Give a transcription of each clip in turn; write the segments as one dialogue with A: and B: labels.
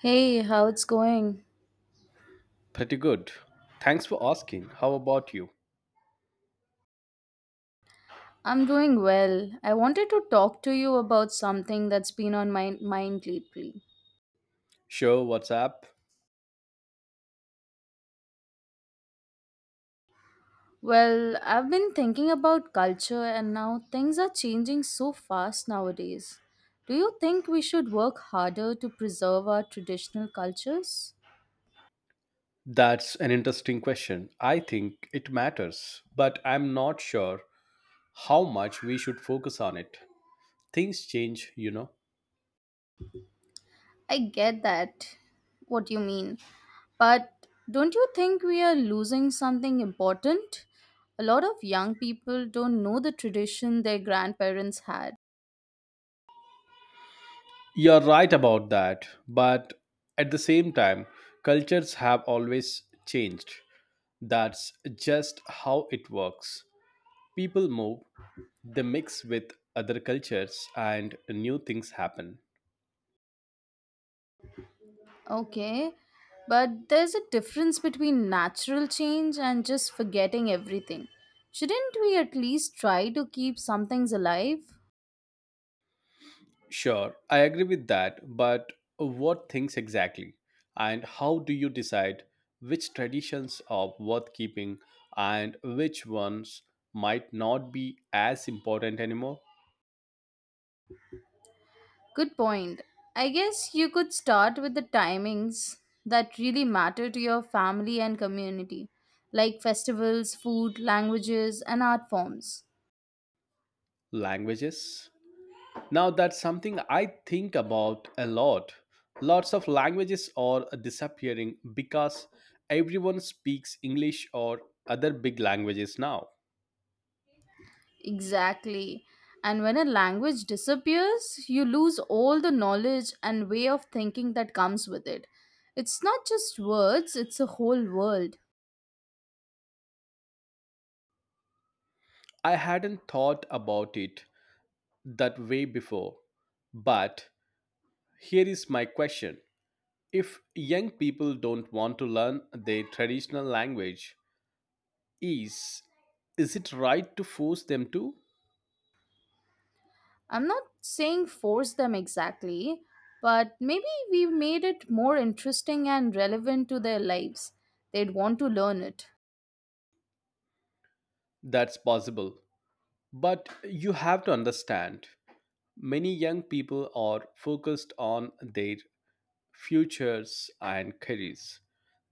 A: Hey, how it's going?
B: Pretty good. Thanks for asking. How about you?
A: I'm doing well. I wanted to talk to you about something that's been on my mind lately.
B: Sure, what's up?
A: Well, I've been thinking about culture and now things are changing so fast nowadays. Do you think we should work harder to preserve our traditional cultures?
B: That's an interesting question. I think it matters, but I'm not sure how much we should focus on it. Things change, you know.
A: I get that, what you mean. But don't you think we are losing something important? A lot of young people don't know the tradition their grandparents had.
B: You're right about that, but at the same time, cultures have always changed. That's just how it works. People move, they mix with other cultures, and new things happen.
A: Okay, but there's a difference between natural change and just forgetting everything. Shouldn't we at least try to keep some things alive?
B: Sure, I agree with that, but what things exactly? And how do you decide which traditions are worth keeping and which ones might not be as important anymore?
A: Good point. I guess you could start with the timings that really matter to your family and community, like festivals, food, languages, and art forms.
B: Languages? Now, that's something I think about a lot. Lots of languages are disappearing because everyone speaks English or other big languages now.
A: Exactly. And when a language disappears, you lose all the knowledge and way of thinking that comes with it. It's not just words, it's a whole world.
B: I hadn't thought about it that way before, but here is my question. If young people don't want to learn their traditional language, is is it right to force them to?
A: I'm not saying force them exactly, but maybe we made it more interesting and relevant to their lives. They'd want to learn it.
B: That's possible. But you have to understand, many young people are focused on their futures and careers.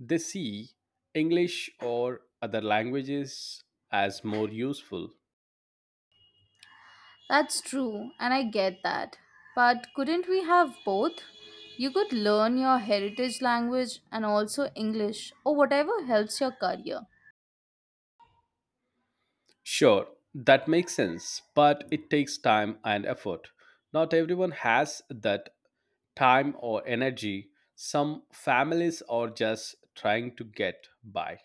B: They see English or other languages as more useful.
A: That's true, and I get that. But couldn't we have both? You could learn your heritage language and also English or whatever helps your career.
B: Sure, that makes sense, but it takes time and effort. Not everyone has that time or energy. Some families are just trying to get by,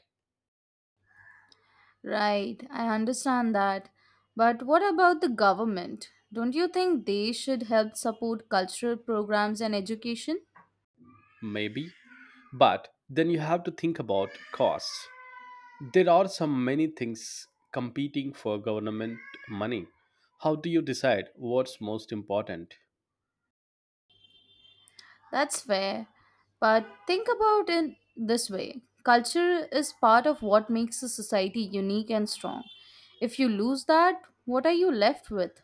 A: Right, I understand that. But what about the government? Don't you think they should help support cultural programs and education?
B: maybe. But then you have to think about costs. There are so many things competing for government money. How do you decide what's most important?
A: That's fair. But think about it this way, culture is part of what makes a society unique and strong. If you lose that, what are you left with?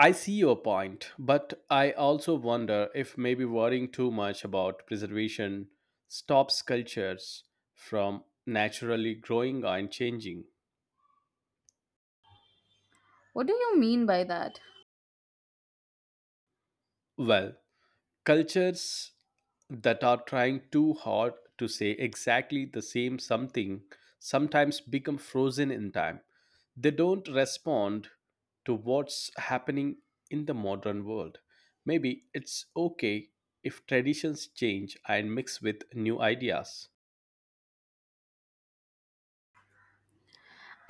B: I see your point, but I also wonder if maybe worrying too much about preservation stops cultures from naturally growing and changing.
A: What do you mean by that?
B: Well, cultures that are trying too hard to say exactly the same something sometimes become frozen in time. They don't respond to what's happening in the modern world. Maybe it's okay if traditions change and mix with new ideas.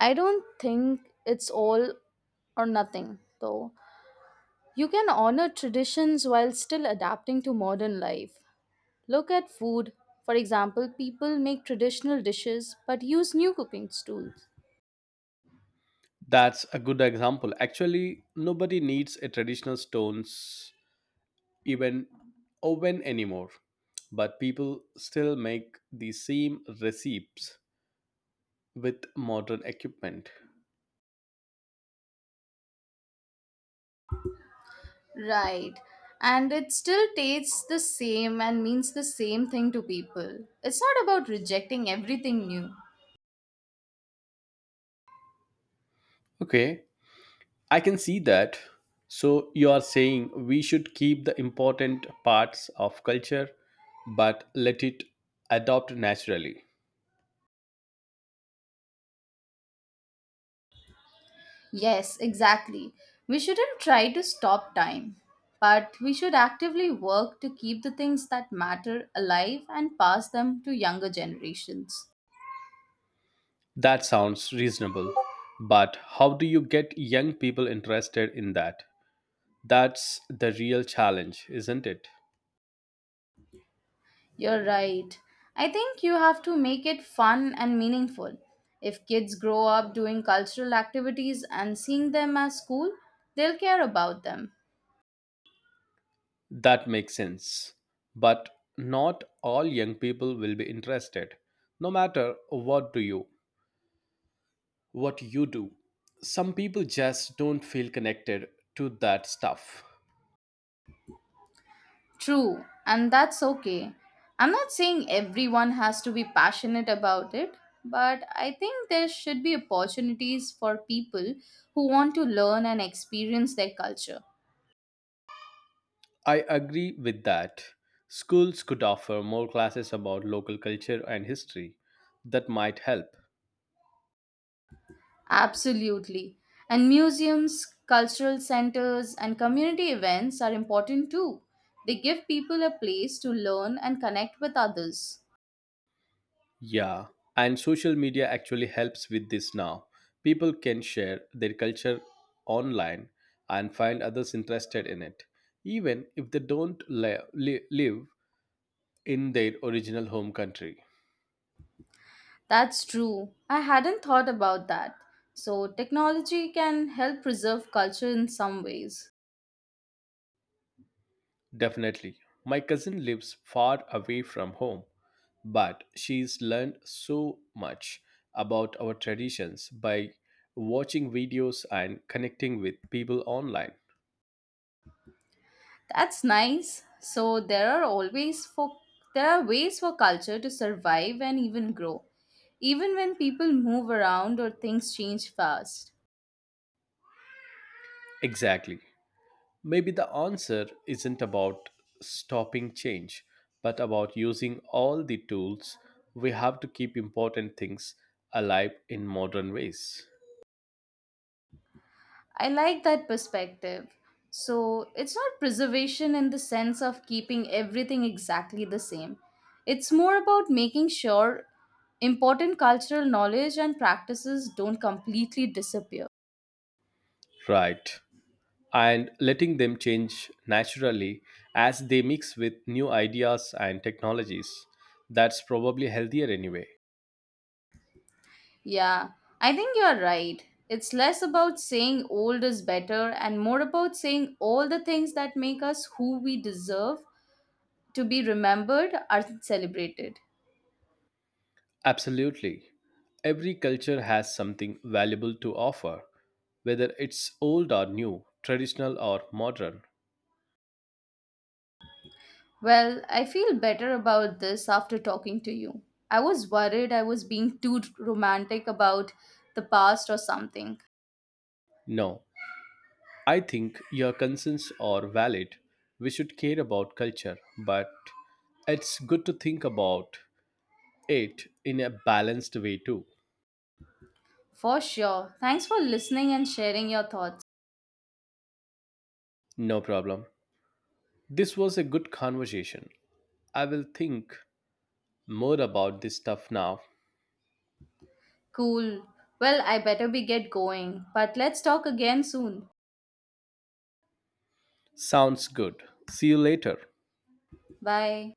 A: I don't think it's all or nothing, though. You can honor traditions while still adapting to modern life. Look at food. For example, people make traditional dishes but use new cooking tools.
B: That's a good example. Actually, nobody needs a traditional stones even oven anymore, but people still make the same recipes with modern equipment.
A: Right. And it still tastes the same and means the same thing to people. It's not about rejecting everything new.
B: Okay, I can see that. So you are saying we should keep the important parts of culture but let it adopt naturally.
A: Yes, exactly. We shouldn't try to stop time, but we should actively work to keep the things that matter alive and pass them to younger generations.
B: That sounds reasonable. But how do you get young people interested in that? That's the real challenge, isn't it?
A: You're right. I think you have to make it fun and meaningful. If kids grow up doing cultural activities and seeing them as cool, they'll care about them.
B: That makes sense. But not all young people will be interested, no matter what do you. What you do. Some people just don't feel connected to that stuff.
A: True, and that's okay. I'm not saying everyone has to be passionate about it, but I think there should be opportunities for people who want to learn and experience their culture.
B: I agree with that. Schools could offer more classes about local culture and history. That might help.
A: Absolutely. And museums, cultural centers, and community events are important too. They give people a place to learn and connect with others.
B: Yeah, and social media actually helps with this now. People can share their culture online and find others interested in it, even if they don't live in their original home country.
A: That's true. I hadn't thought about that. So, technology can help preserve culture in some ways.
B: Definitely. My cousin lives far away from home, but she's learned so much about our traditions by watching videos and connecting with people online.
A: That's nice. So, there are ways for culture to survive and even grow, even when people move around or things change fast.
B: Exactly. Maybe the answer isn't about stopping change, but about using all the tools we have to keep important things alive in modern ways.
A: I like that perspective. So it's not preservation in the sense of keeping everything exactly the same. It's more about making sure important cultural knowledge and practices don't completely disappear.
B: Right, and letting them change naturally as they mix with new ideas and technologies. That's probably healthier anyway.
A: Yeah, I think you're right. It's less about saying old is better and more about saying all the things that make us who we deserve to be remembered are celebrated.
B: Absolutely. Every culture has something valuable to offer, whether it's old or new, traditional or modern.
A: Well, I feel better about this after talking to you. I was worried I was being too romantic about the past or something.
B: No, I think your concerns are valid. We should care about culture, but it's good to think about it in a balanced way too.
A: For sure. Thanks for listening and sharing your thoughts.
B: No problem. This was a good conversation. I will think more about this stuff now.
A: Cool. Well, I better be get going, but let's talk again soon.
B: Sounds good. See you later.
A: Bye.